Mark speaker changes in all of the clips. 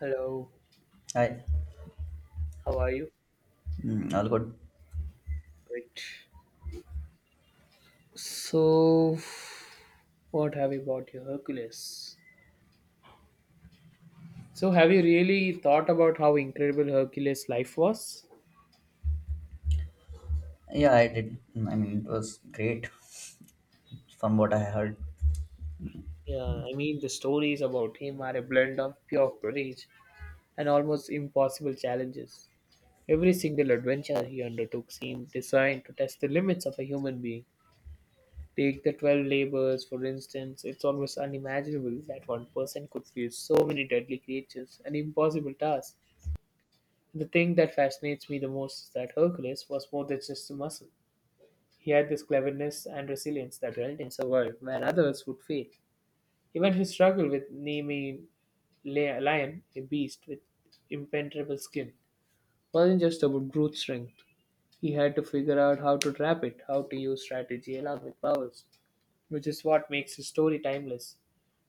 Speaker 1: Hello,
Speaker 2: I,
Speaker 1: how are you?
Speaker 2: All good.
Speaker 1: Great. So, what have you about your Hercules? So, have you really thought about how incredible Hercules' life was?
Speaker 2: Yeah, I did. I mean, it was great from what I heard.
Speaker 1: Yeah, I mean, the stories about him are a blend of pure courage and almost impossible challenges. Every single adventure he undertook seemed designed to test the limits of a human being. Take the 12 labors, for instance, it's almost unimaginable that one person could face so many deadly creatures and impossible tasks. The thing that fascinates me the most is that Hercules was more than just a muscle. He had this cleverness and resilience that helped him survive where others would fail. Even his struggle with naming lion, a beast with impenetrable skin, wasn't just about brute strength. He had to figure out how to trap it, how to use strategy along with powers, which is what makes his story timeless.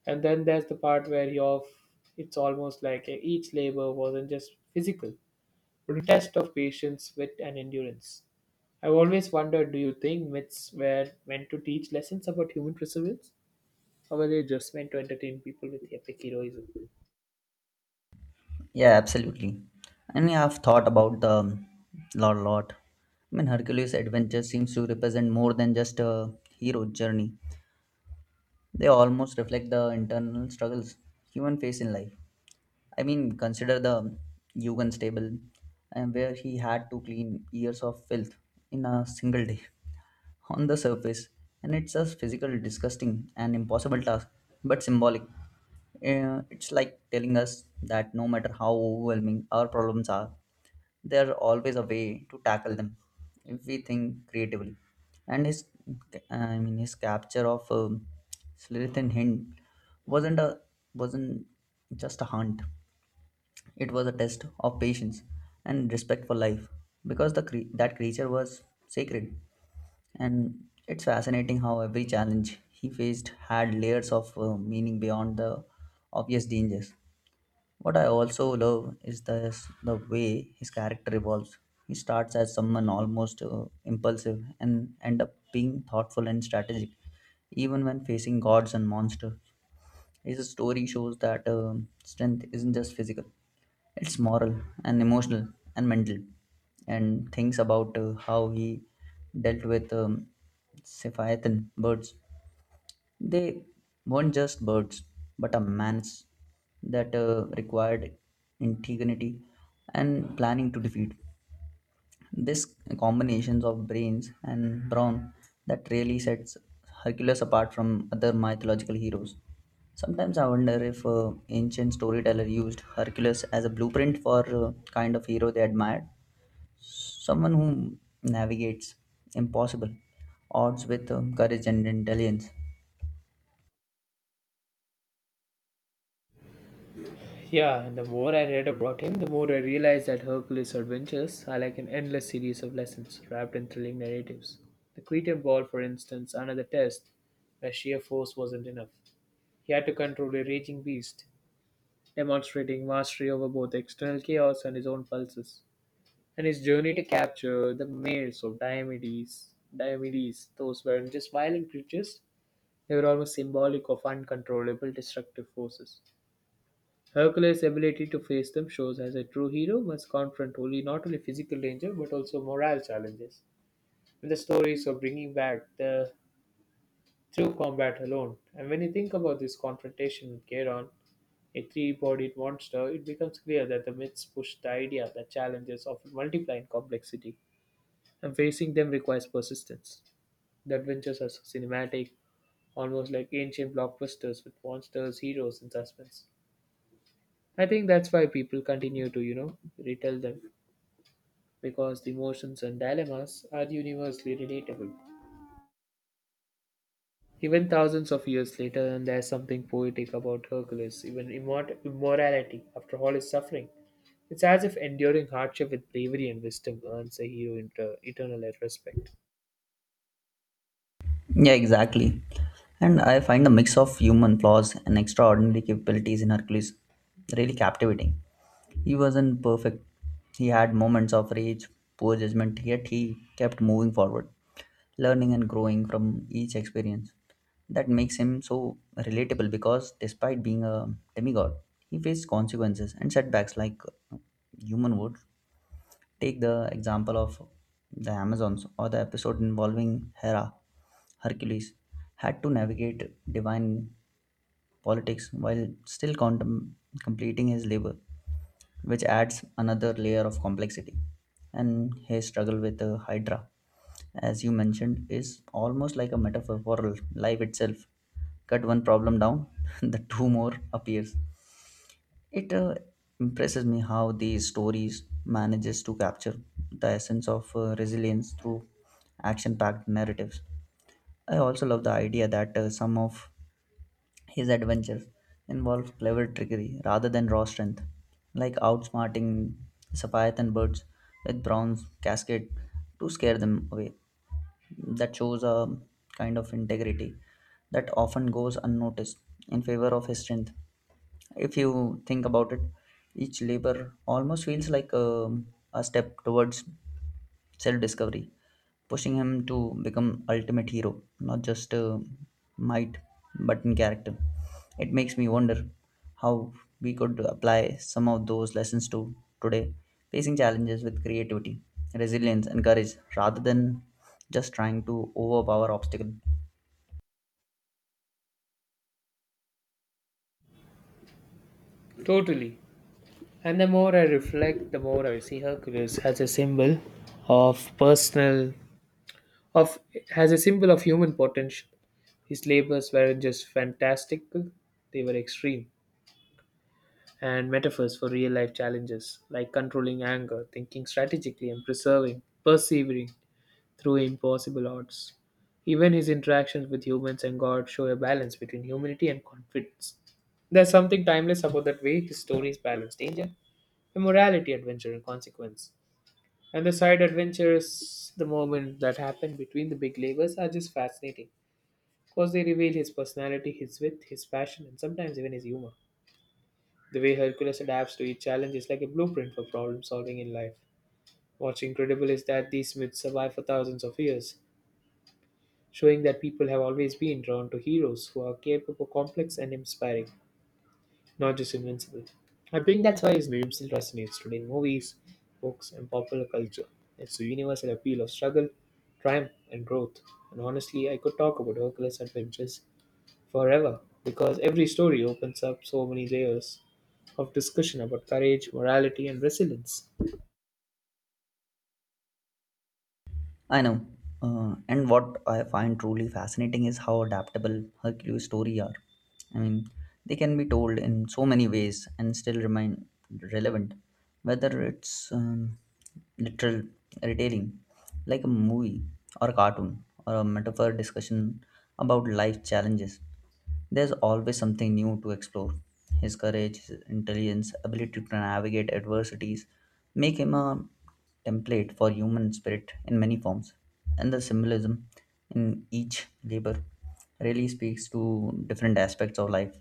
Speaker 1: And then there's the part where you off, it's almost like each labor wasn't just physical. What a test of patience, wit, and endurance. I've always wondered, do you think myths were meant to teach lessons about human perseverance? Or were they just meant to entertain people with epic heroism?
Speaker 2: Yeah, absolutely. And yeah, I've thought about the lot. I mean, Hercules' adventure seems to represent more than just a hero journey. They almost reflect the internal struggles human face in life. I mean, consider the Yugan stable, and where he had to clean years of filth in a single day. On the surface, and it's a physical, disgusting, and impossible task, but symbolic. It's like telling us that no matter how overwhelming our problems are, there's always a way to tackle them if we think creatively. And his, I mean, his capture of Slithin Hind wasn't a wasn't just a hunt. It was a test of patience and respect for life, because that creature was sacred, and it's fascinating how every challenge he faced had layers of meaning beyond the obvious dangers. What I also love is the way his character evolves. He starts as someone almost impulsive and end up being thoughtful and strategic, even when facing gods and monsters. His story shows that strength isn't just physical; it's moral and emotional and mental and things about how he dealt with Sephiathan birds. They weren't just birds, but a man's that required integrity and planning to defeat. This combinations of brains and brawn that really sets Hercules apart from other mythological heroes. Sometimes I wonder if ancient storyteller used Hercules as a blueprint for kind of hero they admired, someone who navigates impossible odds with courage and intelligence.
Speaker 1: Yeah, and the more I read about him, the more I realized that Hercules' adventures are like an endless series of lessons wrapped in thrilling narratives. The Cretan ball, for instance, another test where sheer force wasn't enough. He had to control a raging beast, demonstrating mastery over both external chaos and his own pulses. And his journey to capture the males of Diomedes. Diomedes, those weren't just violent creatures, they were almost symbolic of uncontrollable destructive forces. Hercules' ability to face them shows as a true hero must confront only not only physical danger but also moral challenges. And the stories of bringing back the through combat alone. And when you think about this confrontation with Charon, a three-bodied monster, it becomes clear that the myths push the idea that challenges often multiply in complexity, and facing them requires persistence. The adventures are so cinematic, almost like ancient blockbusters with monsters, heroes, and suspense. I think that's why people continue to, you know, retell them, because the emotions and dilemmas are universally relatable, even thousands of years later. And there's something poetic about Hercules, even immorality after all his suffering. It's as if enduring hardship with bravery and wisdom earns a hero eternal respect.
Speaker 2: Yeah, exactly. And I find the mix of human flaws and extraordinary capabilities in Hercules really captivating. He wasn't perfect. He had moments of rage, poor judgment, yet he kept moving forward, learning and growing from each experience. That makes him so relatable because despite being a demigod, he faced consequences and setbacks like uh, human would. Take the example of the Amazons or the episode involving Hera. Hercules had to navigate divine politics while still completing his labor, which adds another layer of complexity. And his struggle with the Hydra, as you mentioned, is almost like a metaphor for life itself. Cut one problem down, the two more appears. It impresses me how these stories manages to capture the essence of resilience through action-packed narratives. I also love the idea that some of his adventures involved clever trickery rather than raw strength, like outsmarting Leviathan birds with bronze casket to scare them away. That shows a kind of integrity that often goes unnoticed in favor of his strength. If you think about it, each labor almost feels like a step towards self discovery, pushing him to become ultimate hero, not just might, but in character. It makes me wonder how we could apply some of those lessons to today, facing challenges with creativity, resilience, and courage, rather than just trying to overpower obstacle.
Speaker 1: Totally. And the more I reflect, the more I see Hercules of personal, of as a symbol of human potential. His labors weren't just fantastical; they were extreme and metaphors for real life challenges like controlling anger, thinking strategically, and persevering through impossible odds. Even his interactions with humans and God show a balance between humanity and confidence. There's something timeless about that way his stories balance danger, immorality, adventure, and consequence. And the side adventures, the moment that happen between the big labors, are just fascinating because they reveal his personality, his wit, his passion, and sometimes even his humor. The way Hercules adapts to each challenge is like a blueprint for problem solving in life. What's incredible is that these myths survive for thousands of years, showing that people have always been drawn to heroes who are capable, complex, and inspiring, not just invincible. I think that's why his name still resonates today in movies, books, and popular culture. It's the universal appeal of struggle, triumph, and growth. And honestly, I could talk about Hercules' adventures forever, because every story opens up so many layers of discussion about courage, morality, and resilience.
Speaker 2: I know. And what I find truly fascinating is how adaptable Hercules' story are. I mean, they can be told in so many ways and still remain relevant, whether it's literal retelling, like a movie or a cartoon, or a metaphor discussion about life challenges. There's always something new to explore. His courage, his intelligence, ability to navigate adversities make him a template for human spirit in many forms. And the symbolism in each labor really speaks to different aspects of life.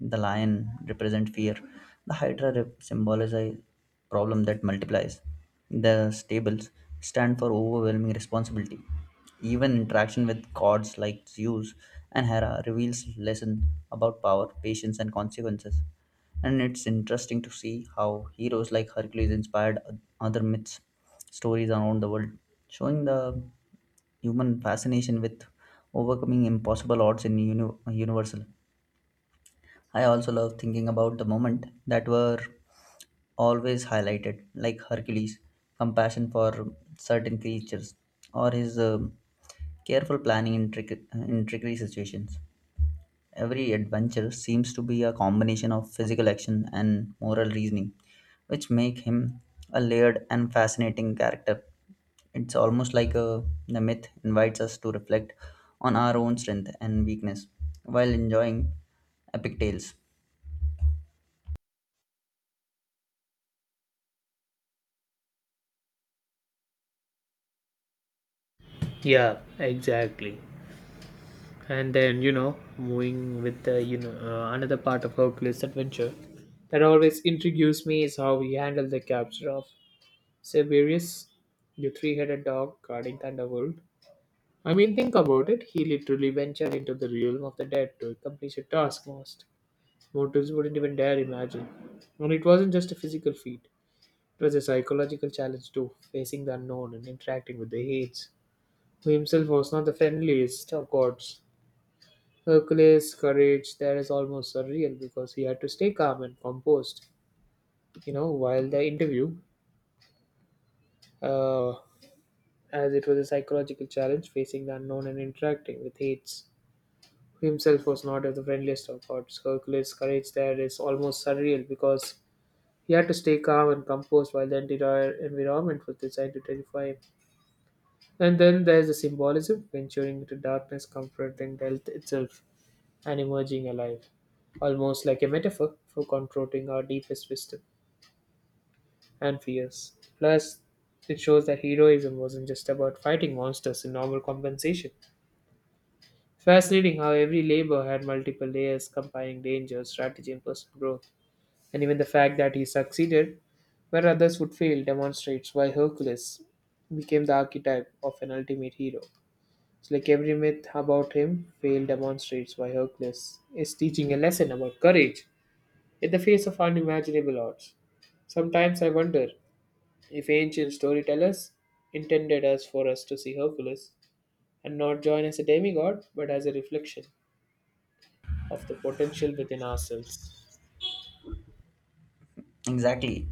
Speaker 2: The lion represents fear, the symbolizes problem that multiplies. The stables stand for overwhelming responsibility, even interaction with gods like Zeus and Hera reveals lessons about power, patience, and consequences. And it's interesting to see how heroes like Hercules inspired other myths, stories around the world, showing the human fascination with overcoming impossible odds in universal. I also love thinking about the moment that were always highlighted, like Hercules' compassion for certain creatures or his careful planning in tricky situations. Every adventure seems to be a combination of physical action and moral reasoning, which make him a layered and fascinating character. It's almost like the myth invites us to reflect on our own strength and weakness while enjoying epic tales.
Speaker 1: Yeah, exactly. And then moving with the another part of Hercules' adventure that always intrigues me is how he handled the capture of Siberius, the three headed dog guarding Thunderbolt. I mean, think about it. He literally ventured into the realm of the dead to accomplish a task most mortals wouldn't even dare imagine. And it wasn't just a physical feat, it was a psychological challenge too, facing the unknown and interacting with the Hades, who himself was not the friendliest of gods. Hercules' courage there is almost surreal because he had to stay calm and composed. You know, while the interview, uh, as it was a psychological challenge facing the unknown and interacting with Hades. Who himself was not of the friendliest of gods. Hercules' courage there is almost surreal because he had to stay calm and composed while the entire environment was designed to terrify him. And then there's the symbolism, venturing into darkness, confronting death itself, and emerging alive, almost like a metaphor for confronting our deepest wisdom and fears. Plus, it shows that heroism wasn't just about fighting monsters in normal compensation. Fascinating how every labor had multiple layers combining danger, strategy, and personal growth. And even the fact that he succeeded where others would fail demonstrates why Hercules became the archetype of an ultimate hero. It's like every myth about him failed demonstrates why Hercules is teaching a lesson about courage in the face of unimaginable odds. Sometimes I wonder if ancient storytellers intended us for us to see Hercules and not join as a demigod but as a reflection of the potential within ourselves.
Speaker 2: Exactly.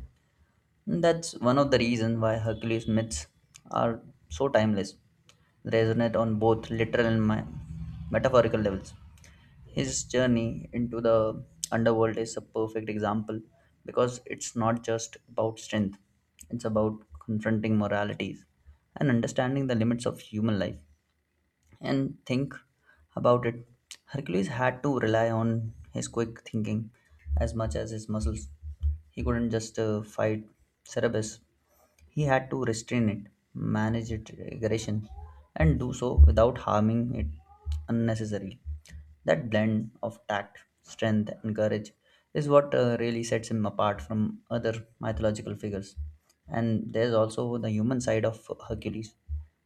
Speaker 2: That's one of the reasons why Hercules myths are so timeless. They resonate on both literal and metaphorical levels. His journey into the underworld is a perfect example because it's not just about strength, it's about confronting moralities and understanding the limits of human life. And think about it, Hercules had to rely on his quick thinking as much as his muscles. He couldn't just fight Cerberus, he had to restrain it, manage its aggression, and do so without harming it unnecessarily. That blend of tact, strength, and courage is what really sets him apart from other mythological figures. And there's also the human side of Hercules,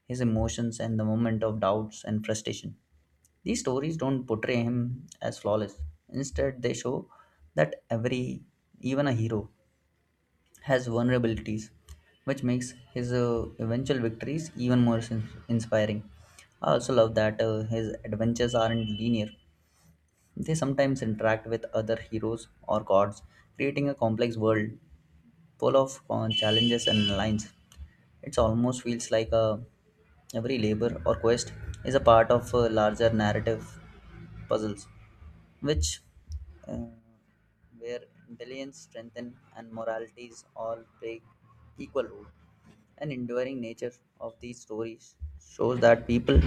Speaker 2: his emotions and the moment of doubts and frustration. These stories don't portray him as flawless. Instead, they show that every, even a hero, has vulnerabilities, which makes his eventual victories even more inspiring. I also love that his adventures aren't linear. They sometimes interact with other heroes or gods, creating a complex world full of challenges and lines. It almost feels like every labor or quest is a part of a larger narrative puzzles which uh, where intelligence, strength, and moralities all play equal role. An enduring nature of these stories shows that people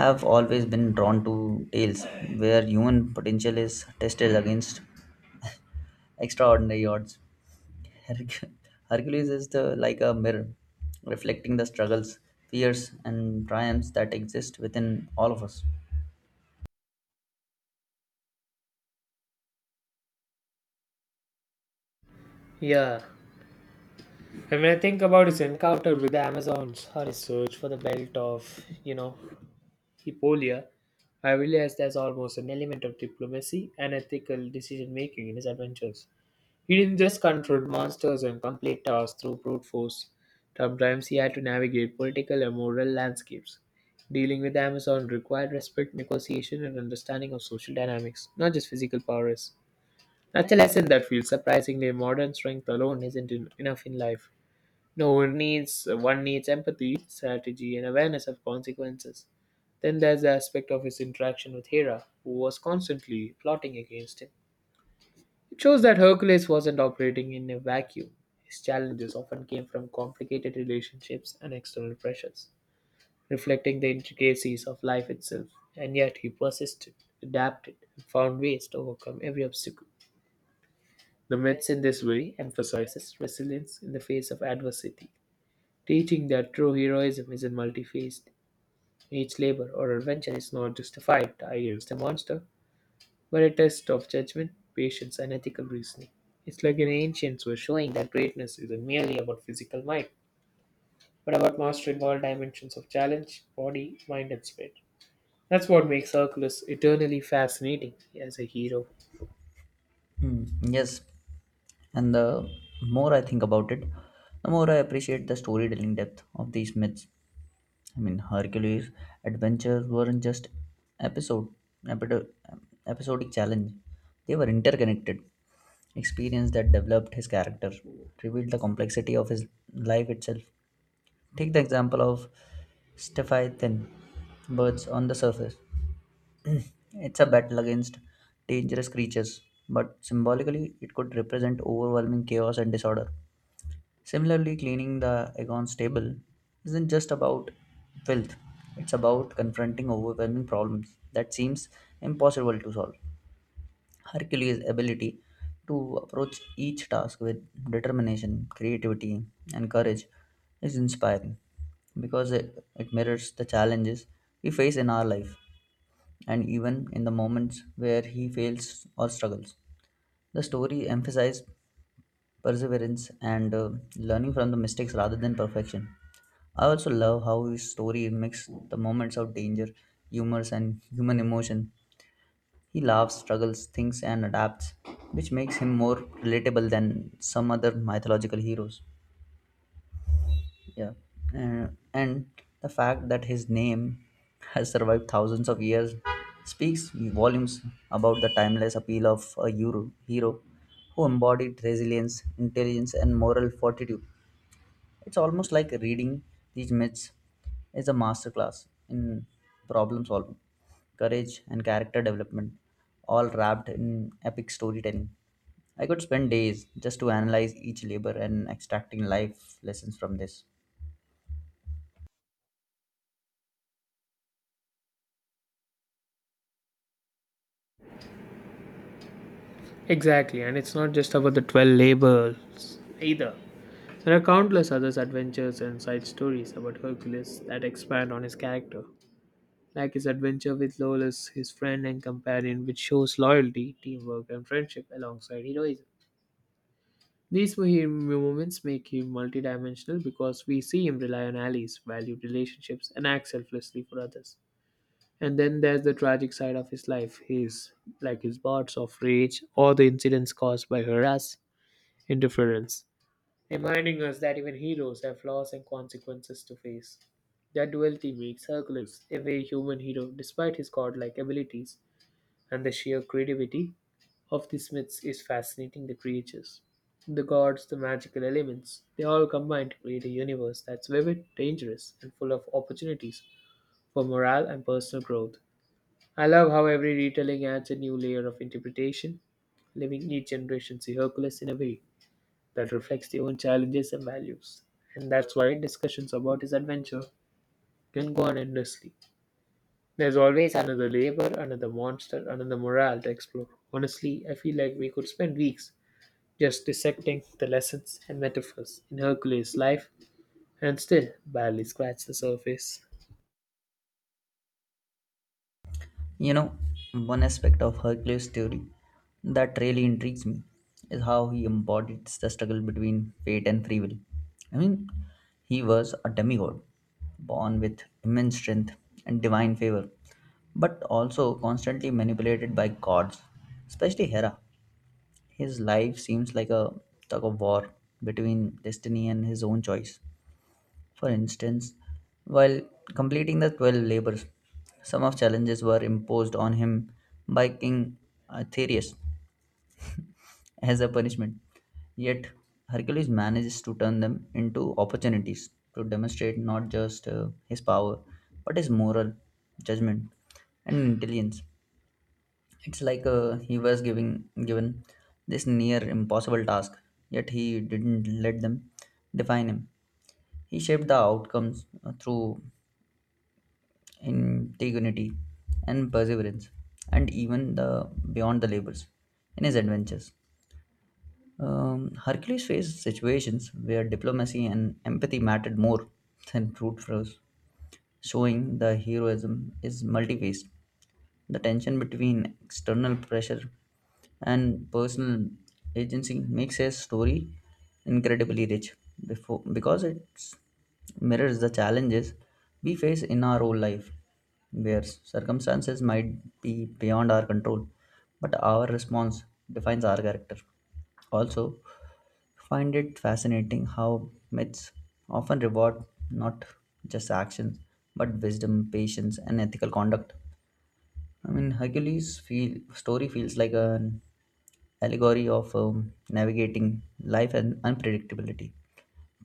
Speaker 2: have always been drawn to tales where human potential is tested against extraordinary odds. Herc- Hercules is the like a mirror, reflecting the struggles, fears, and triumphs that exist within all of us.
Speaker 1: Yeah. And when I think about his encounter with the Amazons or his search for the belt of, you know, Hippolya, I realized there's almost an element of diplomacy and ethical decision making in his adventures. He didn't just control monsters and complete tasks through brute force. Sometimes he had to navigate political and moral landscapes. Dealing with the Amazon required respect, negotiation, and understanding of social dynamics, not just physical powers. That's a lesson that feels surprisingly modern. Strength alone isn't en- enough in life. No, one needs empathy, strategy, and awareness of consequences. Then there's the aspect of his interaction with Hera, who was constantly plotting against him. It shows that Hercules wasn't operating in a vacuum. His challenges often came from complicated relationships and external pressures, reflecting the intricacies of life itself. And yet he persisted, adapted, and found ways to overcome every obstacle. The myths in this way emphasizes resilience in the face of adversity, teaching that true heroism isn't multifaceted. Each labor or adventure is not just a fight against a monster, but a test of judgment, patience, and ethical reasoning. It's like an ancients were showing that greatness isn't merely about physical might, but about mastering all dimensions of challenge, body, mind, and spirit. That's what makes Hercules eternally fascinating as a hero.
Speaker 2: Yes, and the more I think about it, the more I appreciate the storytelling depth of these myths. I mean, Hercules' adventures weren't just episode, epido- episodic challenge; they were interconnected. Experience that developed his character, revealed the complexity of his life itself. Take the example of Stephathan, birds on the surface. It's a battle against dangerous creatures, but symbolically, it could represent overwhelming chaos and disorder. Similarly, cleaning the Aegon's table isn't just about filth, it's about confronting overwhelming problems that seems impossible to solve. Hercules' ability to approach each task with determination, creativity, and courage is inspiring because it mirrors the challenges we face in our life, and even in the moments where he fails or struggles. The story emphasizes perseverance and learning from the mistakes rather than perfection. I also love how his story mixes the moments of danger, humor, and human emotion. He laughs, struggles, thinks, and adapts, which makes him more relatable than some other mythological heroes. Yeah, and the fact that his name has survived thousands of years speaks volumes about the timeless appeal of a hero who embodied resilience, intelligence, and moral fortitude. It's almost like reading these myths is a masterclass in problem solving, courage, and character development, all wrapped in epic storytelling. I could spend days just to analyze each labor and extracting life lessons from this.
Speaker 1: Exactly, and it's not just about the 12 labors either. There are countless other adventures and side stories about Hercules that expand on his character, like his adventure with Lawless, his friend and companion, which shows loyalty, teamwork, and friendship alongside heroism. These moments make him multidimensional because we see him rely on allies, value relationships, and act selflessly for others. And then there's the tragic side of his life, his like his bouts of rage or the incidents caused by harass interference, reminding us that even heroes have flaws and consequences to face. That duality makes Hercules a very human hero despite his godlike abilities, and the sheer creativity of these myths is fascinating, the creatures. The gods, the magical elements, they all combine to create a universe that's vivid, dangerous, and full of opportunities for morale and personal growth. I love how every retelling adds a new layer of interpretation, leaving each generation see Hercules in a way that reflects their own challenges and values. And that's why discussions about his adventure can go on endlessly. There's always another labor, another monster, another morale to explore. Honestly, I feel like we could spend weeks just dissecting the lessons and metaphors in Hercules' life and still barely scratch the surface.
Speaker 2: You know, one aspect of Hercules' theory that really intrigues me is how he embodies the struggle between fate and free will. I mean, he was a demigod, born with immense strength and divine favor, but also constantly manipulated by gods, especially Hera. His life seems like a tug of war between destiny and his own choice. For instance, while completing the 12 labors, some of challenges were imposed on him by King Aetherius as a punishment. Yet, Hercules manages to turn them into opportunities to demonstrate not just his power, but his moral judgment and intelligence. It's like he was given this near impossible task, yet he didn't let them define him. He shaped the outcomes through integrity, and perseverance, and even the beyond the labels in his adventures. Hercules faced situations where diplomacy and empathy mattered more than brute force, showing the heroism is multi-faced. The tension between external pressure and personal agency makes a story incredibly rich before, because it mirrors the challenges we face in our own life, where circumstances might be beyond our control, but our response defines our character. Also, find it fascinating how myths often reward not just actions but wisdom, patience, and ethical conduct. I mean, Hercules' story feels like an allegory of navigating life and unpredictability,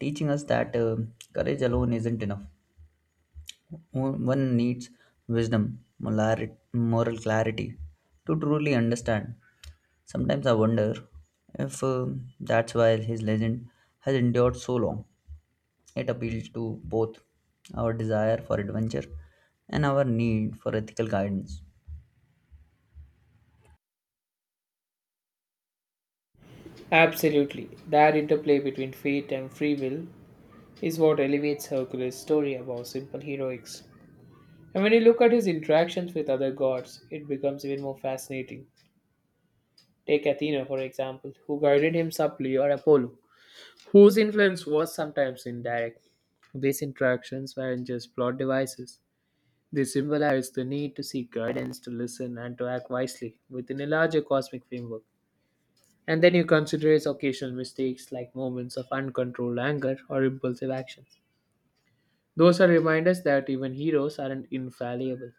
Speaker 2: teaching us that courage alone isn't enough. One one needs wisdom, moral clarity to truly understand. Sometimes I wonder if that's why his legend has endured so long. It appeals to both our desire for adventure and our need for ethical guidance.
Speaker 1: Absolutely, that interplay between fate and free will is what elevates Hercules' story above simple heroics. And when you look at his interactions with other gods, it becomes even more fascinating. Take Athena, for example, who guided him subtly, or Apollo, whose influence was sometimes indirect. These interactions weren't just plot devices. They symbolized the need to seek guidance, to listen, and to act wisely within a larger cosmic framework. And then you consider his occasional mistakes, like moments of uncontrolled anger or impulsive actions. Those are reminders that even heroes aren't infallible,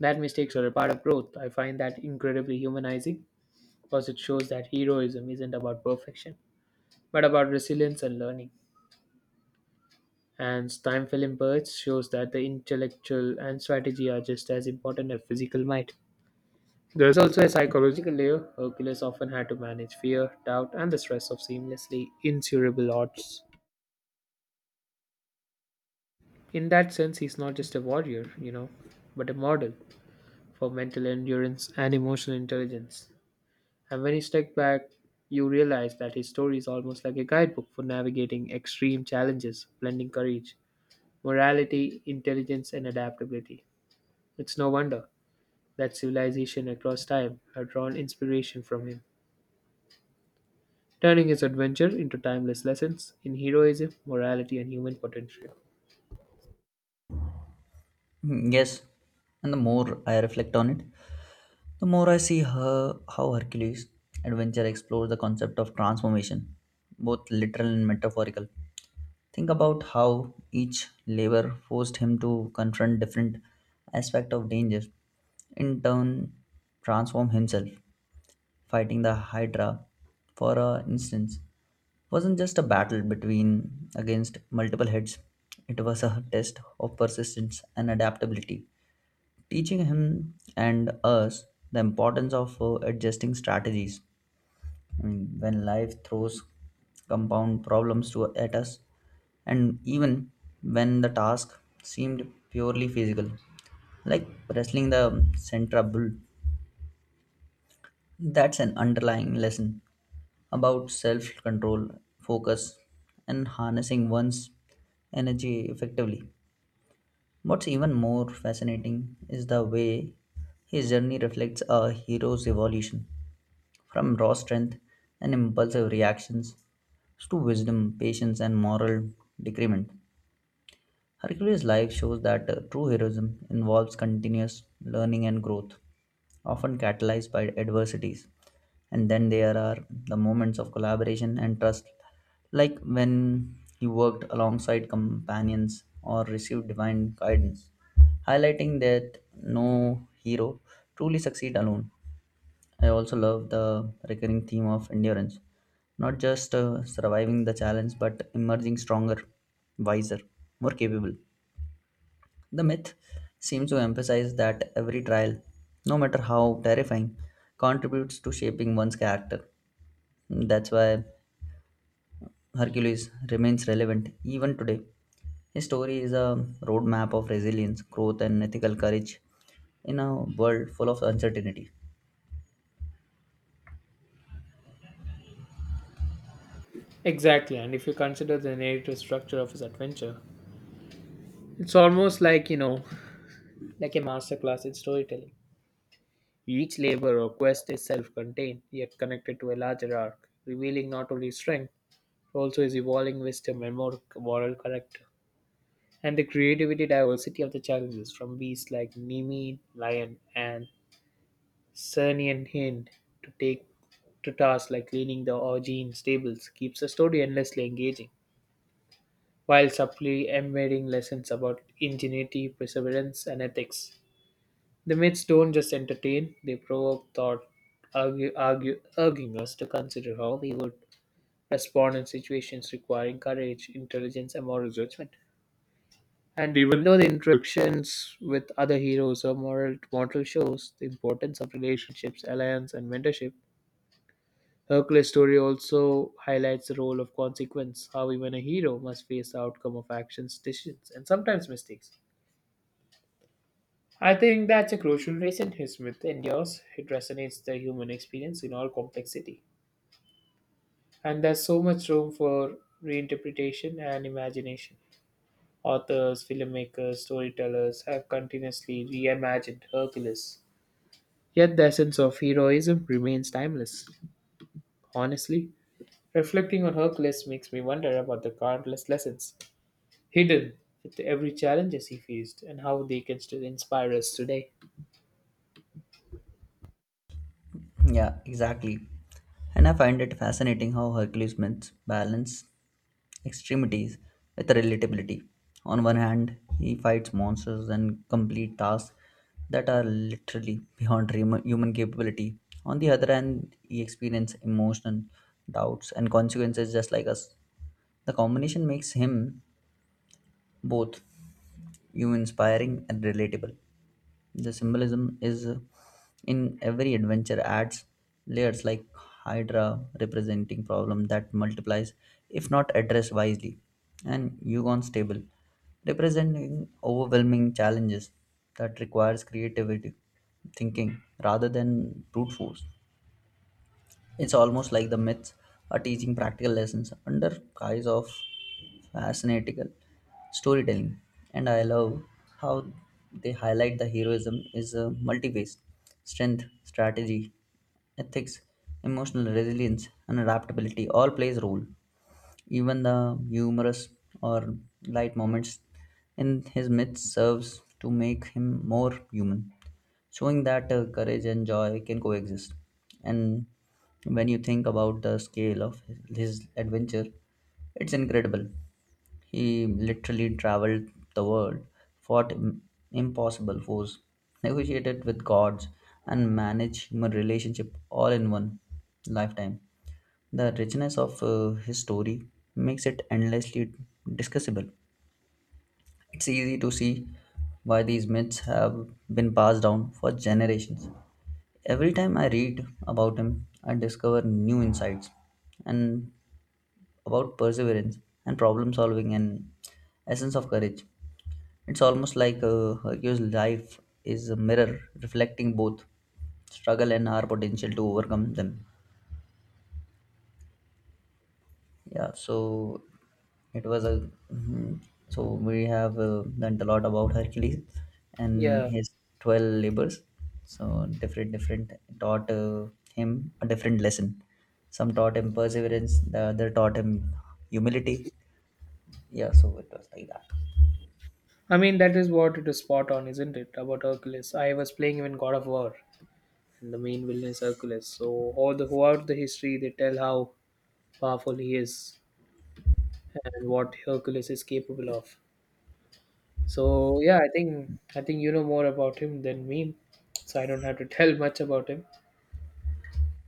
Speaker 1: that mistakes are a part of growth. I find that incredibly humanizing because it shows that heroism isn't about perfection, but about resilience and learning. And time film birds shows that the intellectual and strategy are just as important as physical might. There is also a psychological layer. Hercules often had to manage fear, doubt, and the stress of seamlessly insurmountable odds. In that sense, he's not just a warrior, you know, but a model for mental endurance and emotional intelligence. And when you step back, you realize that his story is almost like a guidebook for navigating extreme challenges, blending courage, morality, intelligence, and adaptability. It's no wonder that civilization across time have drawn inspiration from him, turning his adventure into timeless lessons in heroism, morality, and human potential.
Speaker 2: Yes, and the more I reflect on it, the more I how Hercules' adventure explores the concept of transformation, both literal and metaphorical. Think about how each labor forced him to confront different aspects of danger, in turn, transform himself. Fighting the Hydra, for a instance, wasn't just a battle between against multiple heads. It was a test of persistence and adaptability teaching him and us the importance of adjusting strategies. I mean, when life throws compound problems to, at us, and even when the task seemed purely physical, like wrestling the central bull, that's an underlying lesson about self control, focus, and harnessing one's energy effectively. What's even more fascinating is the way his journey reflects a hero's evolution from raw strength and impulsive reactions to wisdom, patience, and moral decrement. Hercules' life shows that true heroism involves continuous learning and growth, often catalyzed by adversities. And then there are the moments of collaboration and trust like when he worked alongside companions or received divine guidance, highlighting that no hero truly succeed alone. I also love the recurring theme of endurance, not just surviving the challenge but emerging stronger, wiser, more capable. The myth seems to emphasize that every trial, no matter how terrifying, contributes to shaping one's character. That's why Hercules remains relevant even today. His story is a roadmap of resilience, growth, and ethical courage in a world full of uncertainty.
Speaker 1: Exactly, and if you consider the narrative structure of his adventure, it's almost like, you know, like a masterclass in storytelling. Each labor or quest is self contained, yet connected to a larger arc, revealing not only his strength, but also his evolving wisdom and more moral character. And the creativity diversity of the challenges, from beasts like Nemi lion and Cernian hind to take to tasks like cleaning the Augean stables, keeps the story endlessly engaging, while subtly embedding lessons about ingenuity, perseverance, and ethics. The myths don't just entertain, they provoke thought, urging us to consider how we would respond in situations requiring courage, intelligence, and moral judgment. And even though the interactions with other heroes or moral mortal shows the importance of relationships, alliance, and mentorship, Hercules' story also highlights the role of consequence, how even a hero must face the outcome of actions, decisions, and sometimes mistakes. I think that's a crucial reason his myth endures. It resonates the human experience in all complexity. And there's so much room for reinterpretation and imagination. Authors, filmmakers, storytellers have continuously reimagined Hercules. Yet the essence of heroism remains timeless. Honestly, reflecting on Hercules makes me wonder about the countless lessons hidden with every challenges he faced and how they can still inspire us today.
Speaker 2: Yeah, exactly. And I find it fascinating how Hercules Smith balance extremities with relatability. On one hand, he fights monsters and complete tasks that are literally beyond human capability. On the other hand, he experiences emotion, doubts and consequences just like us. The combination makes him both you inspiring and relatable. The symbolism is in every adventure adds layers like Hydra representing problem that multiplies if not addressed wisely, and Yugon stable representing overwhelming challenges that requires creativity thinking rather than brute force. It's almost like the myths are teaching practical lessons under guise of fascinating storytelling. And I love how they highlight the heroism is a multi-faced strength, strategy, ethics, emotional resilience, and adaptability all plays a role. Even the humorous or light moments in his myths serves to make him more human showing that courage and joy can coexist. And when you think about the scale of his adventure, it's incredible. He literally traveled the world, fought impossible foes, negotiated with gods, and managed human relationship all in one lifetime. The richness of his story makes it endlessly discussable. It's easy to see why these myths have been passed down for generations. Every time I read about him, I discover new insights and about perseverance and problem solving and essence of courage. It's almost like Hercules' life is a mirror reflecting both struggle and our potential to overcome them. Yeah, so it was a mhm. So we have learned a lot about Hercules and
Speaker 1: Yeah.
Speaker 2: his 12 labors. So different taught him a different lesson. Some taught him perseverance, the other taught him humility. Yeah, so it was like that.
Speaker 1: I mean, that is what it is, spot on, isn't it? About Hercules. I was playing him in God of War, and the main villain is Hercules. So, all the, throughout the history, they tell how powerful he is and what Hercules is capable of. So yeah, I think you know more about him than me, so I don't have to tell much about him.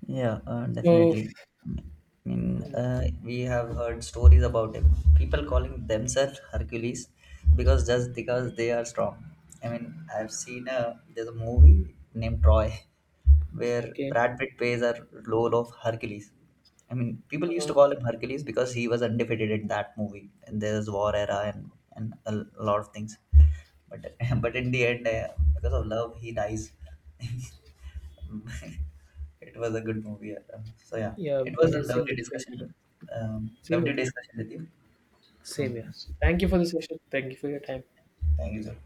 Speaker 2: Yeah,
Speaker 1: So
Speaker 2: definitely. I mean,
Speaker 1: mm,
Speaker 2: we have heard stories about it. People calling themselves Hercules because just because they are strong. I mean, I've seen a there's a movie named Troy where
Speaker 1: okay,
Speaker 2: Brad Pitt plays a role of Hercules. I mean, people used to
Speaker 1: uh,
Speaker 2: call him Hercules because he was undefeated in that movie, and there's war era and a lot of things. But but in the end, because of love, he dies. It was a good movie. So yeah,
Speaker 1: yeah,
Speaker 2: it was
Speaker 1: but
Speaker 2: a
Speaker 1: it's
Speaker 2: lovely
Speaker 1: interesting to know.
Speaker 2: discussion.
Speaker 1: Same
Speaker 2: Lovely
Speaker 1: with you.
Speaker 2: discussion with you. So
Speaker 1: Same here. Thank you for the session. Thank you for your time.
Speaker 2: thank you, sir.